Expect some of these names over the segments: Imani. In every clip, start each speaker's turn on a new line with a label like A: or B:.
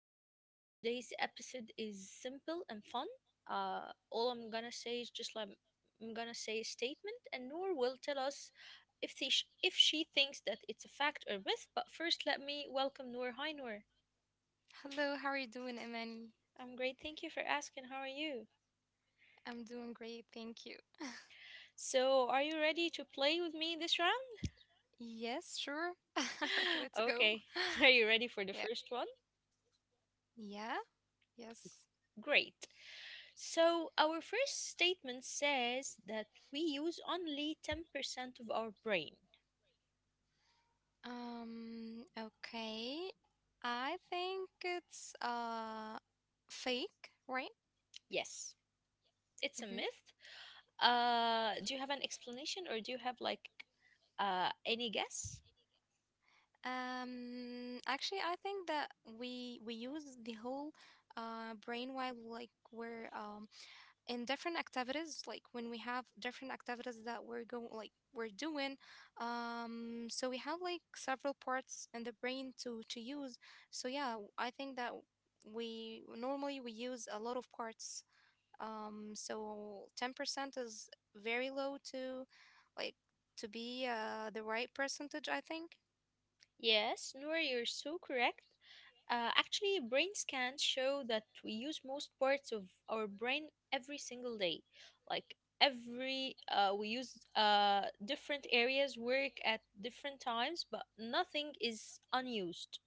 A: podcast.
B: Uh,
A: Today's
B: like
A: episode is simple and fun. All I'm gonna say is just like I'm gonna say a statement, and Noor will tell us if she if she thinks that it's a fact or myth. But first, let me welcome Noor. Hi, Noor.
B: Hello, how are you doing, Imani?
A: I'm great. Thank you for asking. How are you?
B: I'm doing great, thank you.
A: So, are you ready to play with me this round?
B: Yes, sure. Let's go.
A: Okay. Are you ready for the first one?
B: Yeah. Yeah? Yes.
A: Great. So, our first statement says that we use only 10% of our brain.
B: Okay. I think it's fake, right?
A: Yes, it's a myth. Do you have an explanation or do you have any guess?
B: Actually, I think that we use the whole brain while we're in different activities, like when we have different activities that we're going like we're doing. So we have like several parts in the brain to use. So yeah, I think that we normally we use a lot of parts. So 10% is very low to like to be the right percentage, I think.
A: Yes, Noor, you're so correct. Actually, brain scans show that we use most parts of our brain every single day. Like every, we use different areas work at different times, but nothing is unused.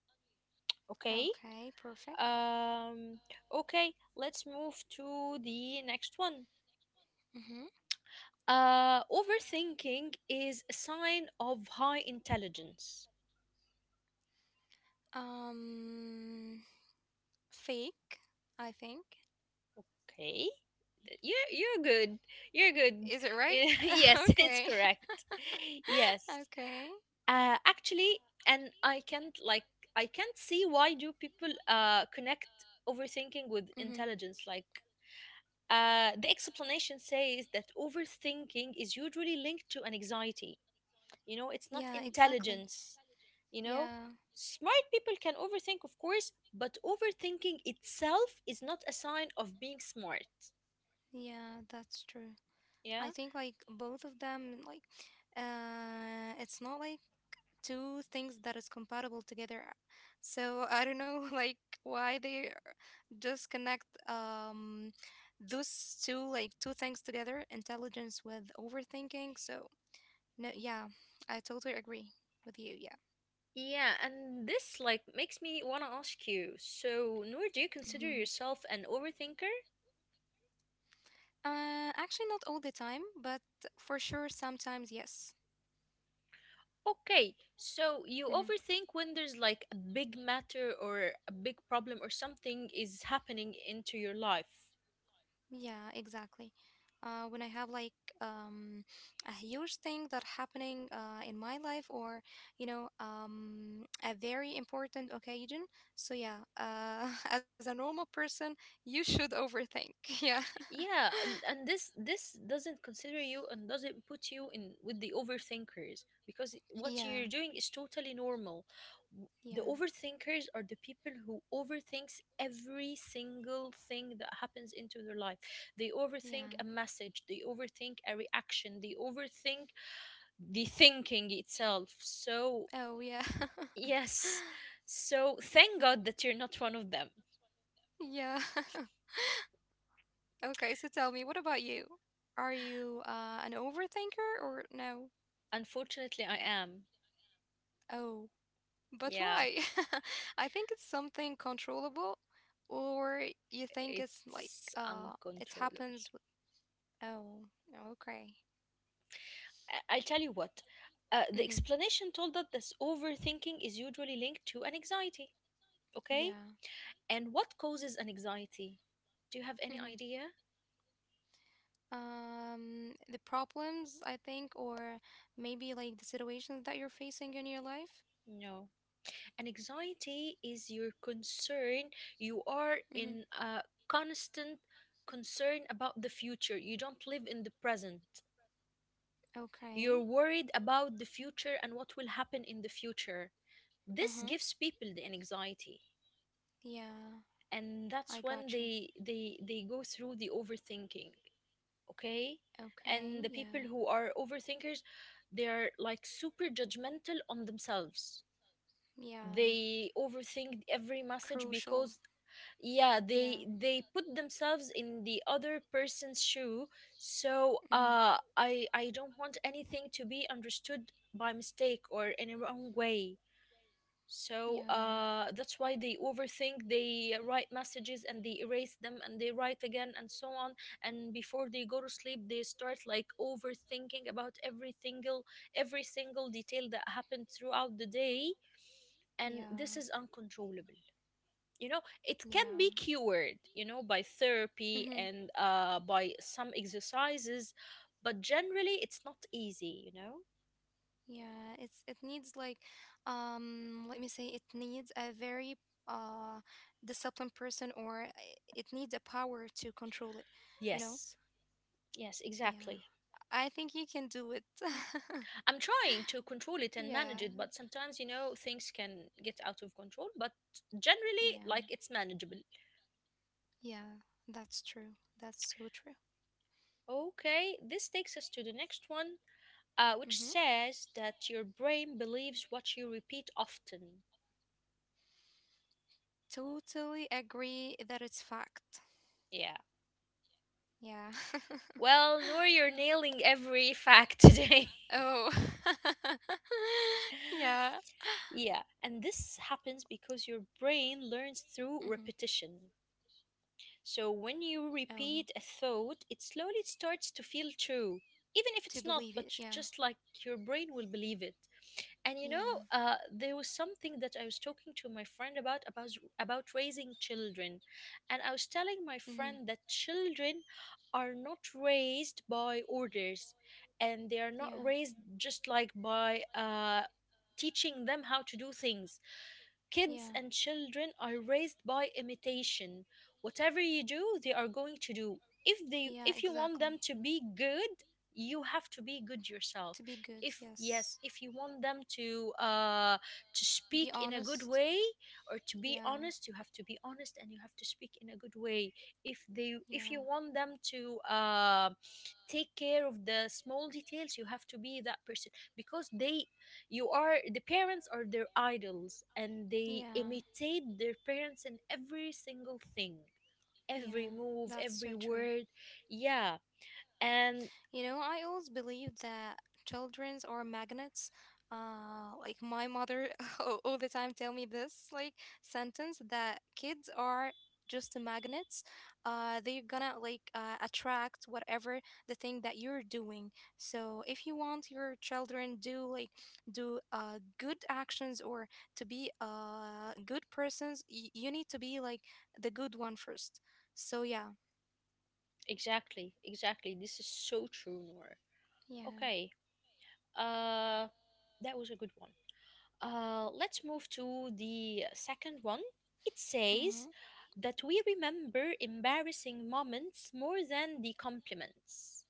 A: Okay.
B: Okay, perfect.
A: Um, okay, let's move to the next one.
B: Mm-hmm.
A: Overthinking is a sign of high intelligence.
B: Um, Fake, I think.
A: Okay, you're good. You're good.
B: Is it right?
A: Yes, it's
B: Okay.
A: correct. Yes.
B: Okay.
A: Actually, and I can't like I can't see why do people connect overthinking with
B: Mm-hmm.
A: intelligence like. The explanation says that overthinking is usually linked to an anxiety. You know, it's not
B: Yeah, exactly.
A: intelligence. You know,
B: Yeah,
A: smart people can overthink, of course, but overthinking itself is not a sign of being smart.
B: yeah, that's true. I
A: Yeah,
B: think like both of them, it's not like two things that is compatible together. So I don't know like why they are- just connect those two like two things together, intelligence with overthinking. So no, yeah, I totally agree with you. Yeah.
A: yeah, and this like makes me want to ask you, so Nor, do you
B: Hmm.
A: consider yourself an overthinker?
B: Actually, not all the time, but for sure, sometimes yes.
A: Okay, so you
B: Mhm.
A: overthink when there's like a big matter or a big problem or something is happening into your life.
B: Yeah, exactly. When I have um, a huge thing that happening in my life, or you know, a very important occasion. So yeah, as a normal person, you should overthink. Yeah,
A: Yeah, and this doesn't consider you and doesn't put you in with the overthinkers because what you're
B: yeah,
A: doing is totally normal. The
B: yeah,
A: overthinkers are the people who overthinks every single thing that happens into their life. They overthink
B: yeah.
A: a message, they overthink a reaction, they overthink the thinking itself. So,
B: Oh yeah,
A: yes. So, thank God that you're not one of them.
B: yeah. Okay, so tell me, what about you? Are you an overthinker or no?
A: Unfortunately, I am.
B: Oh. But
A: Yeah.
B: why? I think it's something controllable, or you think it's like
A: It's
B: it
A: uncontrollable.
B: happens. With, oh, okay.
A: I'll tell you what. The
B: Mm-hmm.
A: explanation told that this overthinking is usually linked to an anxiety. Okay?
B: Yeah.
A: And what causes an anxiety? Do you have any
B: Mm-hmm.
A: idea?
B: The problems I think, or maybe like the situations that you're facing in your life.
A: No. An anxiety is your concern. You are
B: Mm-hmm.
A: in a constant concern about the future. You don't live in the present.
B: Okay.
A: You're worried about the future and what will happen in the future.
B: Uh
A: This
B: huh.
A: gives people the anxiety.
B: Yeah,
A: And
B: I
A: that's
B: got
A: when
B: you.
A: they go through the overthinking. Okay.
B: Okay.
A: And the people
B: Yeah.
A: who are overthinkers, they are like super judgmental on themselves.
B: Yeah.
A: They overthink every message,
B: Crucial.
A: because, yeah,
B: Yeah.
A: they put themselves in the other person's shoe. So
B: Mm-hmm.
A: I don't want anything to be understood by mistake or in a wrong way. So,
B: Yeah.
A: that's why they overthink, they write messages and they erase them and they write again and so on. And before they go to sleep, they start like overthinking about every single detail that happened throughout the day.
B: Yeah.
A: And this is uncontrollable. You know, it can
B: Yeah.
A: be cured, you know, by therapy
B: Mm-hmm.
A: and by some exercises, but generally it's not easy, you know?
B: Yeah, it's it needs let me say it needs a very uh disciplined person or it needs a power to control it, you know?
A: Yes, yes,
B: Yeah.
A: exactly.
B: I think you can do it.
A: I'm trying to control it and manage
B: Yeah.
A: it, but sometimes, you know, things can get out of control, but generally,
B: Yeah.
A: like, it's manageable.
B: Yeah, that's true. That's so true.
A: Okay, this takes us to the next one, which
B: Mm-hmm.
A: says that your brain believes what you repeat often.
B: Totally agree that it's fact.
A: Yeah.
B: Yeah.
A: Well, Noor, you're nailing every fact today.
B: Oh. Yeah.
A: Yeah, and this happens because your brain learns through
B: Hmm.
A: repetition. So when you
B: Oh.
A: repeat a thought, it slowly starts to feel true, even if
B: To
A: it's not,
B: believe
A: but
B: it.
A: j-
B: Yeah.
A: just like your brain will believe it. And you
B: Yeah.
A: know, there was something that I was talking to my friend about raising children, and I was telling my
B: Hmm.
A: friend that children are not raised by orders, and they are not
B: Yeah.
A: raised just like by teaching them how to do things. Kids
B: Yeah.
A: and children are raised by imitation. Whatever you do, they are going to do. If they
B: Yeah.
A: if you want
B: Exactly.
A: them to be good, you have to be good yourself.
B: To be good.
A: If yes,
B: Yes.
A: if you want them to
B: Be
A: speak in a good
B: honest.
A: way or to be
B: Yeah.
A: honest, you have to be honest and you have to speak in a good way. If
B: Yeah.
A: you want them to take care of the small details, you have to be that person because they you are the parents are their idols and they
B: Yeah.
A: imitate their parents in every single thing, every
B: Yeah.
A: move,
B: That's so
A: every
B: true.
A: word. Yeah, and
B: You know, I always believe that childrens are magnets. Like my mother all the time tell me this like sentence that kids are just magnets. They're gonna like attract whatever the thing that you're doing. So if you want your children do good actions or to be good persons, you need to be like the good one first. So yeah,
A: exactly, exactly, this is so true, Noor.
B: yeah.
A: Okay, uh that was a good one. Uh, let's move to the second one. It
B: Mm-hmm.
A: says that we remember embarrassing moments more than the compliments.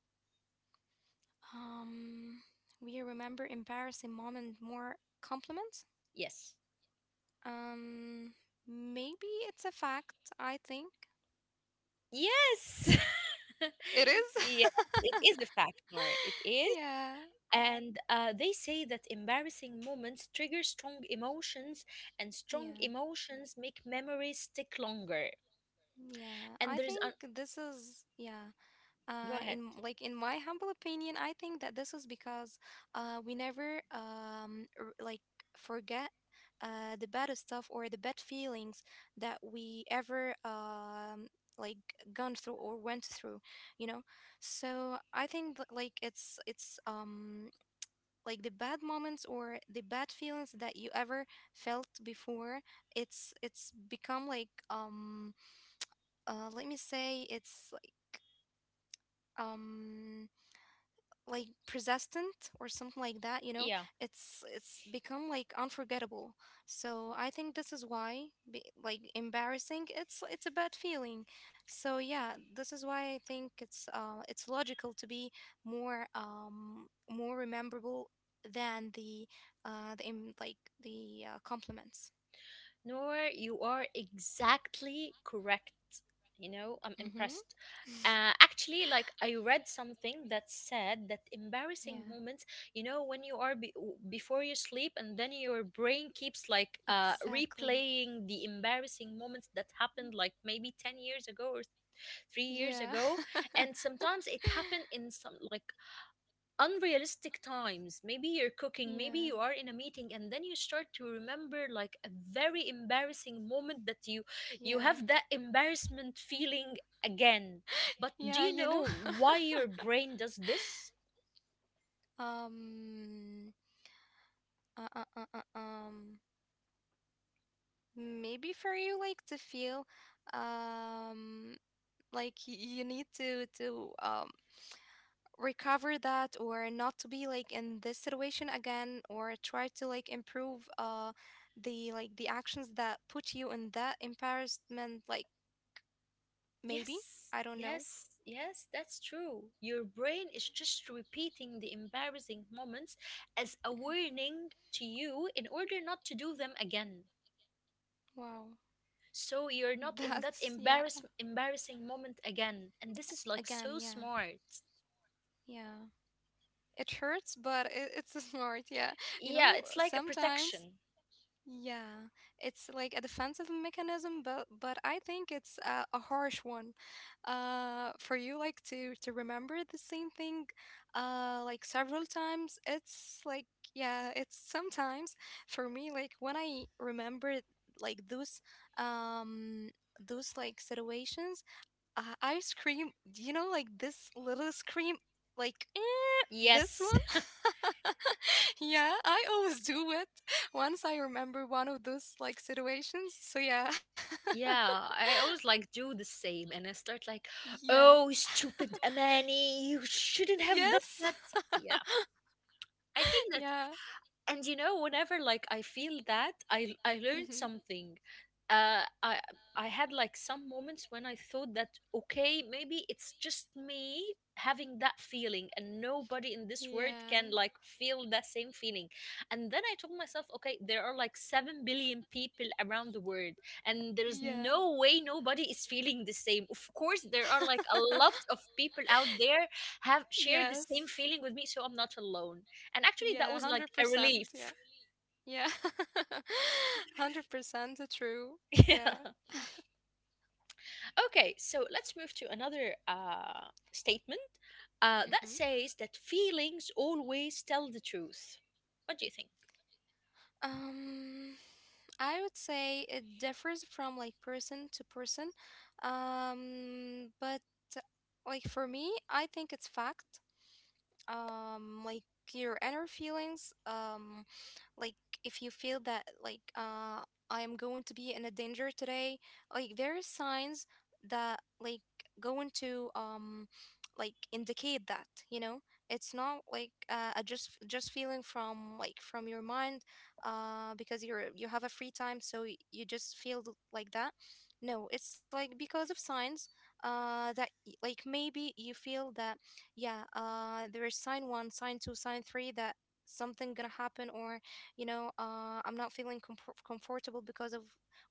B: Um, we remember embarrassing moment more compliments.
A: Yes.
B: Um, maybe it's a fact. I think
A: Yes.
B: it is.
A: Yes, it is a fact, Noor. It is.
B: Yeah,
A: And they say that embarrassing moments trigger strong emotions, and strong
B: yeah,
A: emotions make memories stick longer.
B: yeah. I
A: And there's
B: think
A: a.
B: this is yeah.
A: Go ahead.
B: In like in my humble opinion, I think that this is because we never forget the bad stuff or the bad feelings that we ever like gone through or went through, you know. So I think that, like it's like the bad moments or the bad feelings that you ever felt before. It's become like let me say it's um like persistent or something like that, you know.
A: Yeah.
B: It's become like unforgettable. So I think this is why be, like embarrassing it's a bad feeling. So yeah, this is why I think it's logical to be more more rememberable than the uh the em- like compliments.
A: Nor, you are exactly correct. You know, I'm
B: Mhm.
A: impressed. Actually, like I read something that said that embarrassing
B: Yeah,
A: moments, you know, when you are before you sleep and then your brain keeps like
B: exactly.
A: replaying the embarrassing moments that happened like maybe 10 years ago or three
B: Yeah.
A: years ago, and sometimes it happened in some like unrealistic times. Maybe you're cooking, maybe
B: Yeah.
A: you are in a meeting, and then you start to remember like a very embarrassing moment that you
B: Yeah.
A: have that embarrassment feeling again. But do
B: Yeah,
A: you
B: you know.
A: know why your brain does this?
B: um uh, uh, uh, uh, um maybe for you like to feel um like you need to recover that or not to be like in this situation again or try to like improve the like the actions that put you in that embarrassment, like maybe
A: Yes.
B: I don't know.
A: Yes, yes, that's true. Your brain is just repeating the embarrassing moments as a warning to you in order not to do them again.
B: Wow.
A: So you're not in
B: That's
A: that
B: yeah,
A: embarrassing moment again, and this is like
B: again
A: so
B: yeah,
A: smart.
B: yeah. It hurts but it's smart, yeah. You
A: Yeah,
B: know,
A: it's like a
B: sometimes
A: protection.
B: yeah, it's like a defensive mechanism, but I think it's a harsh one, for you like to remember the same thing, like several times. It's like yeah, it's sometimes for me like when I remember like um those like situations, ice cream, you know, like this little scream, like eh, this
A: Yes.
B: one. Yeah, I always do it once I remember one of those like situations. So yeah,
A: Yeah, I always like do the same and I start like,
B: yeah,
A: oh, stupid Amani, you shouldn't have done
B: yes,
A: that. Yeah, I think.
B: yeah,
A: And you know, whenever like I feel that I learned
B: hmm,
A: something, uh i I had like some moments when I thought that, okay, maybe it's just me having that feeling and nobody in this world
B: yeah,
A: can like feel that same feeling. And then I told myself, okay, there are like 7 billion people around the world, and there's
B: yeah,
A: no way nobody is feeling the same. Of course, there are like a lot of people out there have shared the same
B: yes,
A: feeling with me, so I'm not alone. And actually that
B: yeah, one
A: was like
B: hundred
A: a
B: percent, yeah,
A: relief.
B: yeah, 100% true, yeah.
A: Yeah. Okay, so let's move to another statement, that
B: Mm-hmm.
A: says that feelings always tell the truth. What do you think?
B: Um, I would say it differs from like person to person. But like for me, I think it's fact. Um, like your inner feelings, um, like if you feel that like I am going to be in a danger today, like there is signs that like going to like indicate, that, you know, it's not like a just feeling from like from your mind because you have a free time so you just feel like that. No, it's like because of signs that like maybe you feel that, yeah, uh, there is sign one, sign two, sign three, that something gonna happen, or you know, uh, I'm not feeling comfortable because of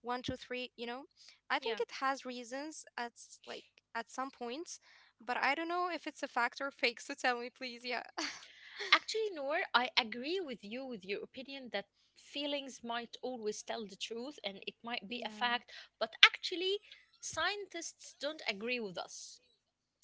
B: 1, 2, 3, you know. I
A: Yeah,
B: think it has reasons at s- like at some points, but I don't know if it's a fact or fake, so tell me please. Yeah.
A: actually, Noor, I agree with you with your opinion that feelings might always tell the truth and it might be a
B: Yeah.
A: fact. But actually, scientists don't agree with us.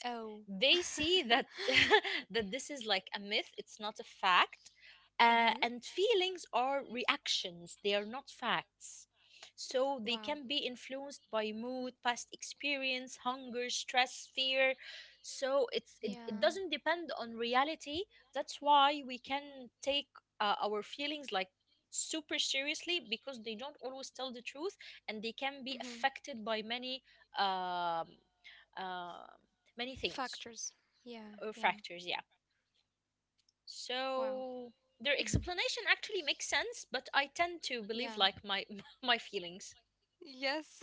B: Oh.
A: They see that that this is like a myth, it's not a fact. uh,
B: Mm-hmm.
A: and feelings are reactions, they are not facts. So they
B: Wow.
A: can be influenced by mood, past experience, hunger, stress, fear. So it
B: Yeah.
A: doesn't depend on reality. That's why we can take our feelings like super seriously, because they don't always tell the truth, and they can be
B: Mm-hmm.
A: affected by many um uh, many things
B: Factors. Yeah,
A: or
B: yeah.
A: fractures, yeah.
B: Wow.
A: So their
B: Mm-hmm.
A: explanation actually makes sense, but I tend to believe
B: Yeah.
A: like my my feelings.
B: Yes.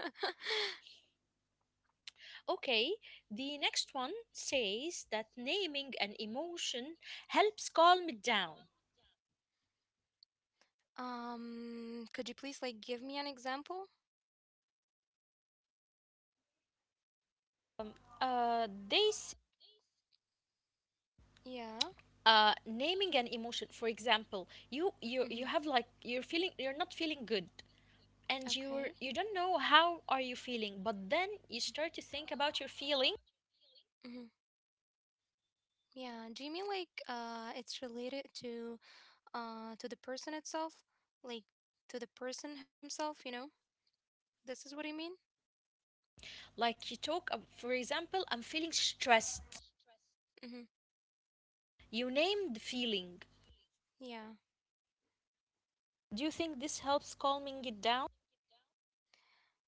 A: Okay, the next one says that naming an emotion helps calm it down.
B: Um, could you please like give me an example?
A: um, uh, they s-
B: Yeah.
A: Naming an emotion, for example, you you
B: Mm-hmm.
A: you have like you're feeling, you're not feeling good, and you're
B: Okay.
A: you don't know how are you feeling, but then you start to think about your feeling.
B: Mm-hmm. Yeah. Do you mean like it's related to the person itself, like to the person himself? You know, this is what I mean.
A: Like you for example, I'm feeling stressed.
B: Mm-hmm.
A: You named the feeling.
B: Yeah.
A: Do you think this helps calming it down?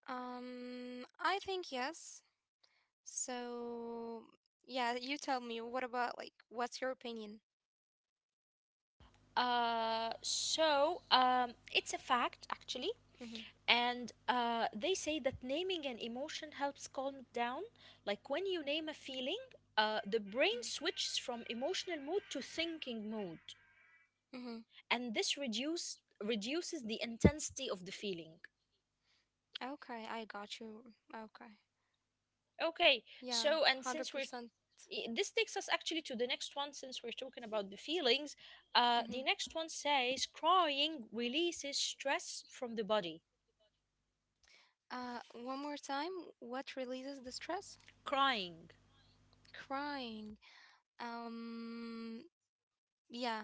B: I think yes. So, yeah, you tell me, what about like what's your opinion?
A: So, it's a fact actually,
B: Mhm.
A: and they say that naming an emotion helps calm it down. Like when you name a feeling, the brain
B: Mhm.
A: switches from emotional mood to thinking mood,
B: Mhm.
A: and this reduces the intensity of the feeling.
B: Okay, I got you. Okay.
A: Okay,
B: Yeah,
A: so and since we're
B: 100%.
A: This takes us actually to the next one, since we're talking about the feelings. Uh, the
B: Mhm.
A: next one says crying releases stress from the body.
B: One more time, what releases the stress?
A: Crying.
B: Crying. Um, Yeah,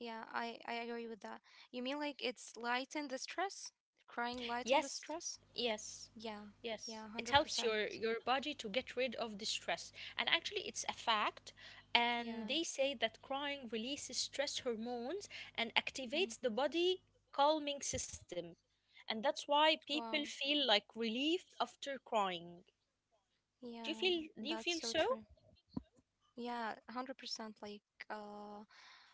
B: yeah, I agree with that. You mean like it's lighten the stress? Crying lighten the
A: Yes,
B: stress?
A: yes,
B: Yeah, yeah,
A: yes, it helps
B: 100%.
A: your body to get rid of the stress. And actually it's a fact, and
B: Yeah,
A: they say that crying releases stress hormones and
B: mhm.
A: activates the body calming system, and that's why
B: Wow.
A: people feel like relieved after crying.
B: Yeah,
A: do you feel
B: that's
A: do you
B: so
A: feel
B: true.
A: so?
B: Yeah, 100%. Like, uh,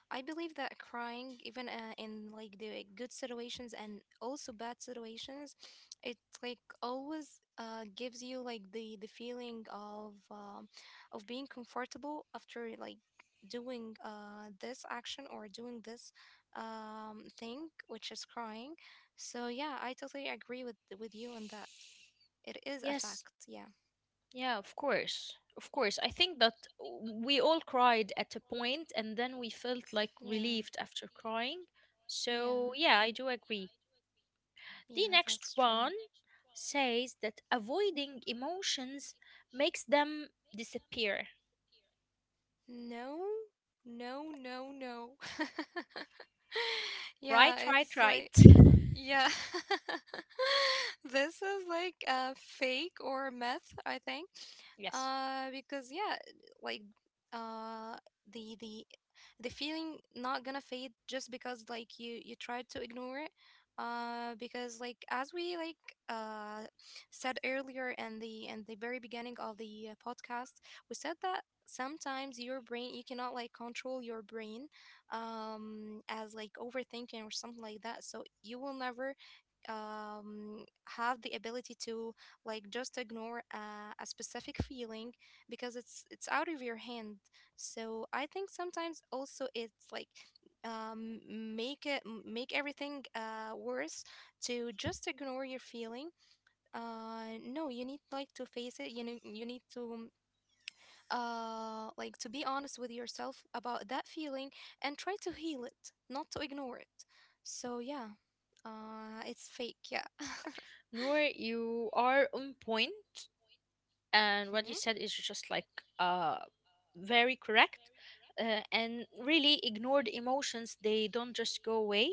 B: I believe that crying, even in like the good situations and also bad situations, it like always gives you like the feeling of being comfortable after like doing this action or doing this thing, which is crying. So yeah, I totally agree with you on that. It is a
A: Yes.
B: fact. Yeah.
A: Yeah, of course. Of course. I think that we all cried at a point and then we felt like
B: Yeah.
A: relieved after crying. So,
B: Yeah.
A: yeah, I do agree.
B: Yeah.
A: The
B: That's
A: next
B: true.
A: one says that avoiding emotions makes them disappear.
B: No, no. Yeah,
A: Right, right,
B: it's
A: right.
B: like yeah. This is like a fake or meth, I think.
A: Yes.
B: Because yeah, like uh the the the feeling not gonna fade just because like you tried to ignore it. Because like as we uh said earlier in the very beginning of the podcast, we said that sometimes your brain, you cannot like control your brain, um, as like overthinking or something like that, so you will never um have the ability to like just ignore a specific feeling, because it's out of your hand. So I think sometimes also it's like um make make everything worse to just ignore your feeling. Uh, no, you need like to face it, you know, you need to like to be honest with yourself about that feeling and try to heal it, not to ignore it. So yeah, uh, it's fake, yeah.
A: Noor, you are on point. And what you
B: Hmm.
A: said is just like uh very correct. And really, ignored emotions, they don't just go away.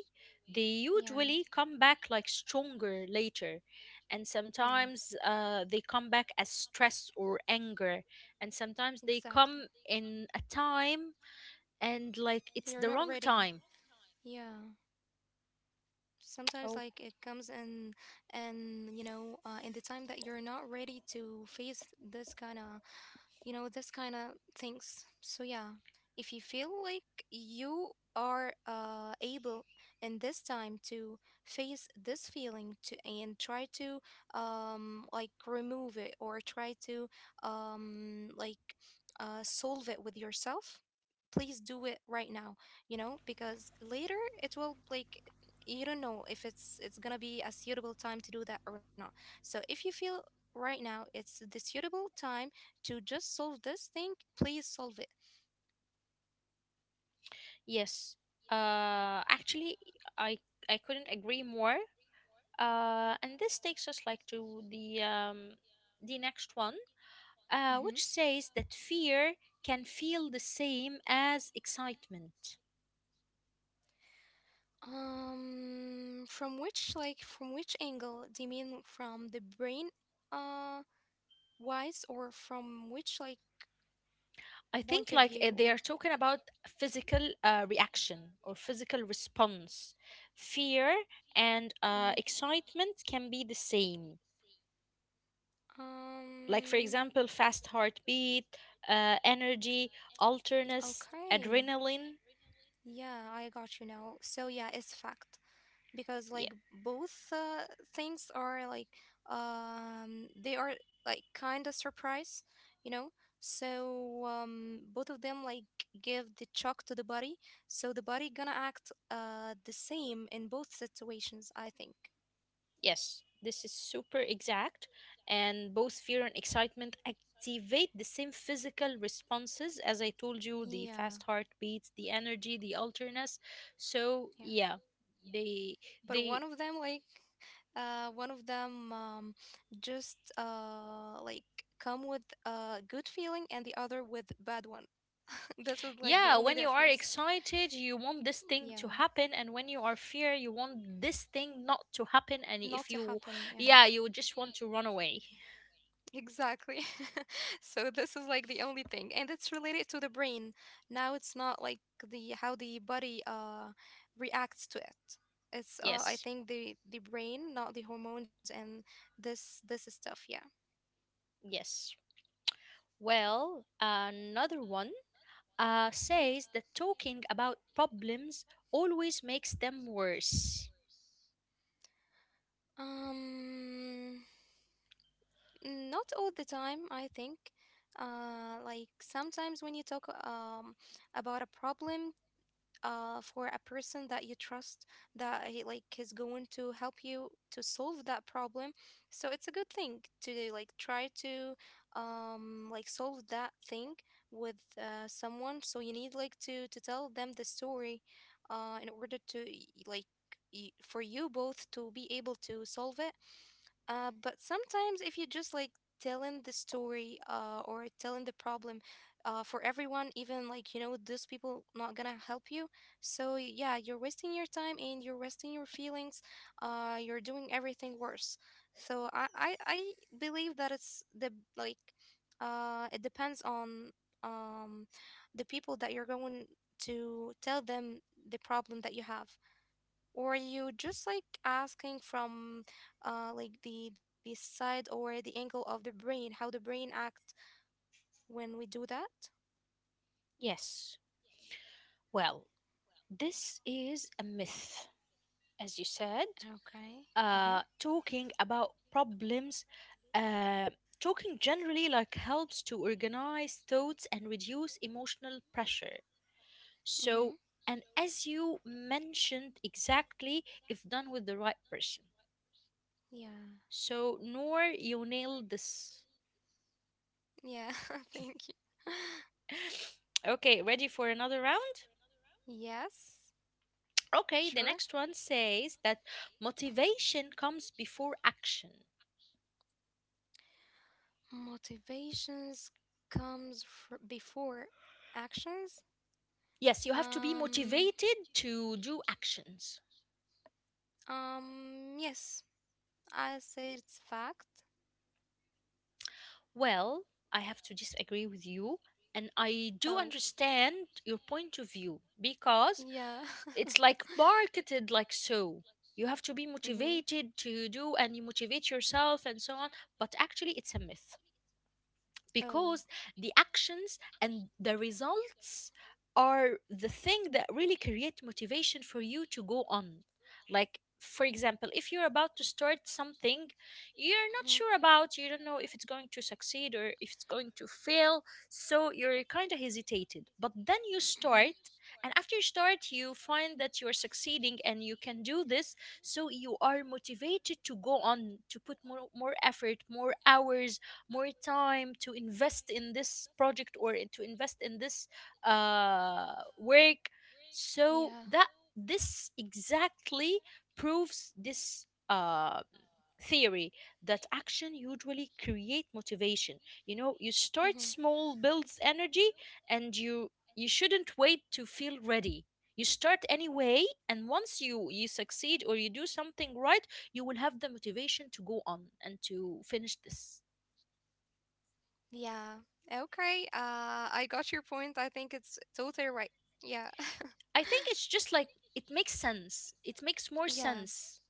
A: They
B: Yeah.
A: usually come back like stronger later. And
B: Yeah,
A: sometimes they come back as stress or anger. And sometimes they
B: exactly.
A: come in a time, and like it's
B: You're
A: the
B: not
A: wrong
B: ready.
A: time.
B: Yeah, sometimes
A: Oh,
B: like it comes in and, you know, in the time that you're not ready to face this kind of, you know, this kind of things. So yeah, if you feel like you are able in this time to face this feeling to and try to like remove it or try to um like solve it with yourself, please do it right now. You know, because later it will like, you don't know if it's gonna be a suitable time to do that or not. So if you feel right now it's the suitable time to just solve this thing, please solve it.
A: yes. Actually, i I couldn't agree more. And this takes us like to the next one,
B: Hmm.
A: which says that fear can feel the same as excitement.
B: From which like from which angle? Do you mean from the brain, uh, wise, or from which like
A: I
B: point
A: think
B: of
A: like
B: view
A: they
B: or?
A: are talking about physical reaction or physical response. Fear and
B: Mhm.
A: excitement can be the same. Like for
B: Um.
A: example, fast heartbeat, energy, alertness,
B: Okay.
A: adrenaline.
B: Yeah, I got you now. So yeah, it's fact. Because like both things are like they are like kind of surprise you know so both of them like give the shock to the body, so the body gonna act the same in both situations, I think.
A: Yes, this is super exact, and both fear and excitement activate the same physical responses, as I told you: the
B: Yeah,
A: fast heartbeats, the energy, the alterness. So,
B: yeah,
A: yeah, they,
B: but
A: they,
B: one of them like, one of them just like come with a good feeling and the other with bad one. This is like the
A: yeah,
B: only
A: when you are
B: difference.
A: excited, you want this thing to
B: Yeah,
A: happen, and when you are fear, you want this thing not to happen, and
B: not
A: if
B: to
A: you,
B: happen. Yeah,
A: yeah, you just want to run away.
B: exactly. So this is like the only thing, and it's related to the brain. Now it's not like the how the body reacts to it. It's I
A: Yes,
B: think the brain, not the hormones and this stuff. Yeah.
A: yes. Well, another one says that talking about problems always makes them worse.
B: Mhm. Mm, not all the time, I think. Like sometimes when you talk about a problem for a person that you trust, that he like is going to help you to solve that problem, so it's a good thing to like try to like solve that thing with someone. So you need like to tell them the story in order to like for you both to be able to solve it, but sometimes if you just like telling the story or telling the problem for everyone, even like, those people not gonna help you. So yeah, you're wasting your time and you're wasting your feelings. You're doing everything worse. So I believe that it's the like, it depends on um, the people that you're going to tell them the problem that you have, or you just like asking from like the side or the angle of the brain, how the brain act when we do that.
A: Yes. Well, this is a myth, as you said.
B: Okay. Mhm.
A: Talking about problems, uh, talking generally like helps to organize thoughts and reduce emotional pressure.
B: Mhm.
A: So, and as you mentioned exactly, if done with the right person.
B: Yeah.
A: So, Noor, you nailed this.
B: Yeah. Thank you.
A: Okay, ready for another round?
B: Yes.
A: Okay, the
B: Sure.
A: next one says that motivation comes before action.
B: Motivations comes before actions.
A: Yes, you have to be
B: um
A: motivated to do actions.
B: um, yes, I say it's fact.
A: Well, I have to disagree with you. And I do
B: Oh,
A: understand your point of view because
B: yeah.
A: it's like marketed like so. You have to be
B: Mm-hmm.
A: motivated to do and you motivate yourself and so on. But actually, it's a myth,
B: Oh.
A: because the actions and the results are the thing that really create motivation for you to go on. Like for example, if you're about to start something you're not
B: Mm-hmm.
A: sure
B: Mm-hmm.
A: about, you don't know if it's going to succeed or if it's going to fail, so you're kind of hesitated, but then you start. And after you start, you find that you're succeeding and you can do this. So you are motivated to go on, to put more, more effort, more hours, more time to invest in this project or in- to invest in this work. So that
B: Yeah.
A: this exactly proves this theory that action usually create motivation. You know, you start
B: Mm-hmm.
A: small, builds energy, and you shouldn't wait to feel ready. You start anyway, and once you succeed or you do something right, you will have the motivation to go on and to finish this.
B: Yeah. Okay. I got your point. I think it's totally right. Yeah.
A: I think it's just like it makes sense. It makes more
B: Yeah.
A: sense.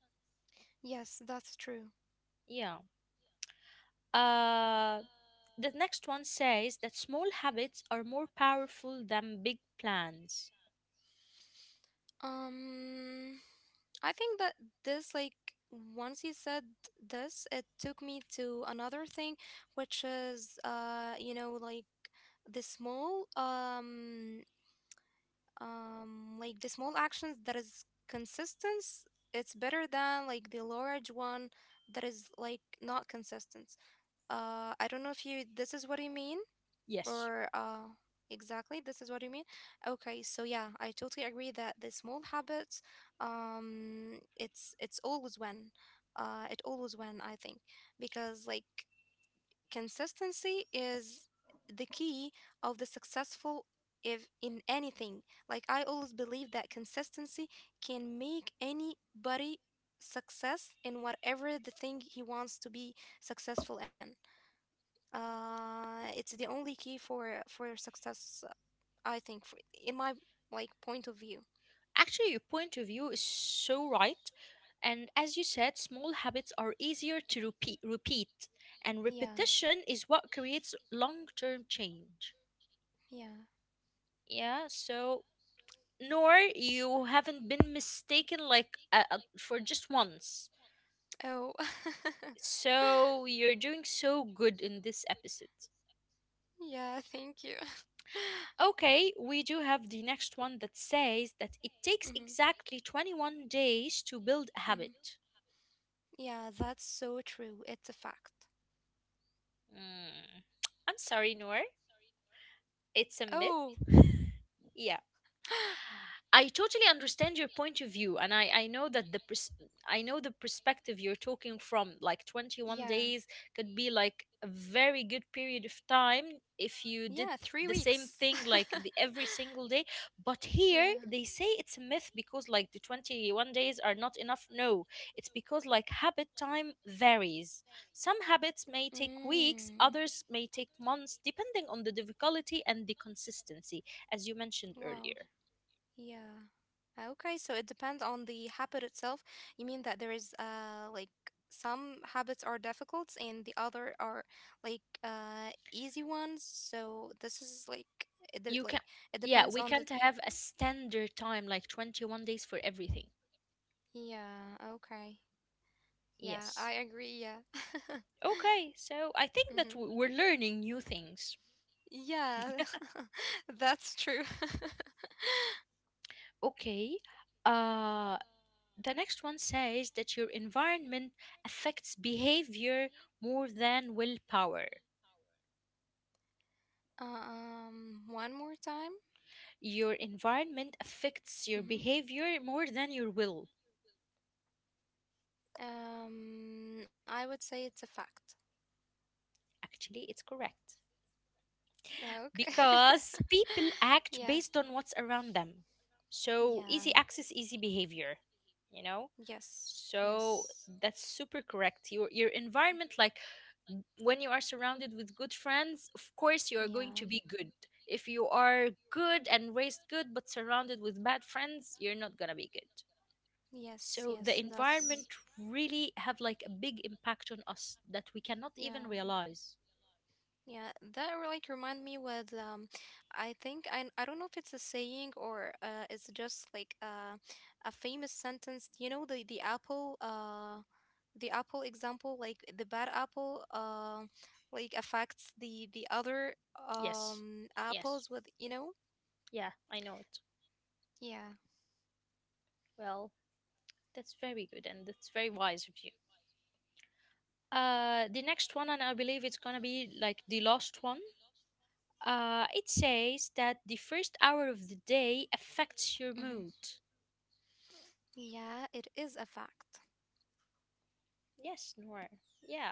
B: Yes, that's true.
A: Yeah. Uh the next one says that small habits are more powerful than big plans.
B: Um, I think that this, like, once you said this, it took me to another thing, which is, you know, the small, um, like the small actions that is consistent. It's better than like the large one that is like not consistent. I don't know if you this is what you mean.
A: Yes.
B: Or, exactly, this is what you mean? Okay, so yeah, I totally agree that the small habits, it's always when, it always when I think, because like consistency is the key of the successful if in anything. Like I always believe that consistency can make anybody success in whatever the thing he wants to be successful in. Uh, it's the only key for success, I think for, in my like point of view.
A: Actually, your point of view is so right. And as you said, small habits are easier to repeat and
B: Yeah.
A: repetition is what creates long-term change.
B: Yeah.
A: Yeah, so nor you haven't been mistaken like for just once.
B: Oh.
A: So you're doing so good in this episode.
B: Yeah, thank you.
A: Okay, we do have the next one that says that it takes
B: Hmm.
A: exactly 21 days to build a
B: Hmm.
A: habit.
B: Yeah, that's so true, it's a fact.
A: Mm, I'm sorry, Noor. It's a myth.
B: Oh.
A: I totally understand your point of view, and I know that I know the perspective you're talking from. Like twenty one
B: Yeah.
A: days could be like a very good period of time if you
B: Yeah,
A: did
B: three
A: the same
B: weeks.
A: thing like the every single day. But here
B: Yeah.
A: they say it's a myth because like the 21 days are not enough. No, it's because like habit time varies. Some habits may take weeks,
B: Mm.
A: others may take months, depending on the difficulty and the consistency, as you mentioned
B: Wow.
A: earlier.
B: Yeah. Okay, so it depends on the habit itself. You mean that there is like some habits are difficult and the other are like easy ones. So this is like it
A: You
B: like
A: can,
B: it
A: yeah,
B: depends
A: we
B: on the,
A: can't have a standard time like 21 days for everything.
B: yeah, okay. Yeah, I
A: Yes.
B: agree. Yeah.
A: Okay, so I think that
B: Hmm.
A: we're learning new things.
B: Yeah, that's true.
A: Okay, uh the next one says that your environment affects behavior more than willpower.
B: One more time.
A: Your environment affects your
B: Hmm.
A: behavior more than your will.
B: I would say it's a fact.
A: Actually, it's correct,
B: Yeah, okay.
A: because people act
B: Yeah.
A: based on what's around them. So easy
B: Yeah.
A: access, easy behavior, you know.
B: Yes.
A: So
B: Yes.
A: that's super correct. Your environment, like when you are surrounded with good friends, of course you are going to
B: Yeah.
A: be good. If you are good and raised good but surrounded with bad friends, you're not gonna be good.
B: Yes.
A: So the
B: Yes.
A: environment
B: That's.
A: really have like a big impact on us that we cannot even
B: Yeah.
A: realize.
B: Yeah, that really like remind me with I think I don't know if it's a saying or it's just like a famous sentence. You know the apple, the apple example, like the bad apple like affects the other
A: Yes. Yes.
B: apples with, you know.
A: Yeah, I know it.
B: Yeah.
A: Well, that's very good and that's very wise of you. The next one, and I believe it's gonna be like the last one. It says that the first hour of the day affects your
B: Hmm.
A: mood.
B: Yeah, it is a fact.
A: Yes, Noor. Yeah,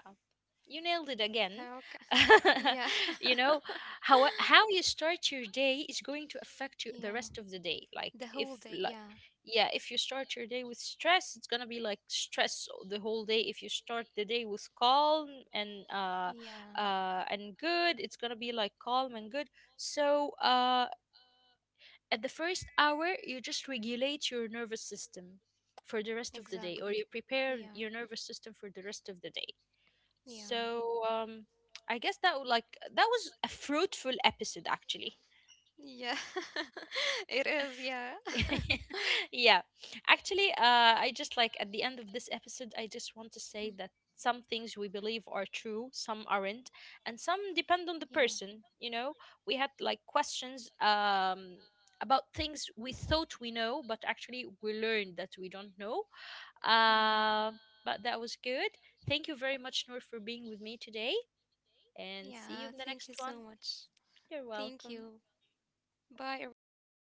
A: you nailed it again.
B: Okay. Yeah.
A: You know, how you start your day is going to affect you the
B: Yeah.
A: rest of the day. Like
B: The whole
A: if
B: day.
A: like
B: Yeah.
A: yeah, if you start your day with stress, it's gonna be like stress the whole day. If you start the day with calm and uh,
B: Yeah.
A: and good, it's gonna be like calm and good. So at the first hour, you just regulate your nervous system for the rest of the day, or
B: Exactly.
A: you prepare your
B: Yeah.
A: nervous system for the rest of the day.
B: Yeah.
A: So, I guess that would like that was a fruitful episode actually.
B: Yeah. It is. Yeah.
A: Yeah, actually I just like at the end of this episode I just want to say that some things we believe are true, some aren't, and some depend on the
B: Yeah.
A: person, you know. We had like questions about things we thought we know, but actually we learned that we don't know.
B: Yeah.
A: uh, but that was good. Thank you very much, Noor, for being with me today, and see
B: Yeah.
A: you in the
B: Thank you
A: next
B: so
A: one.
B: much.
A: You're
B: Thank
A: welcome.
B: you. Bye, everyone.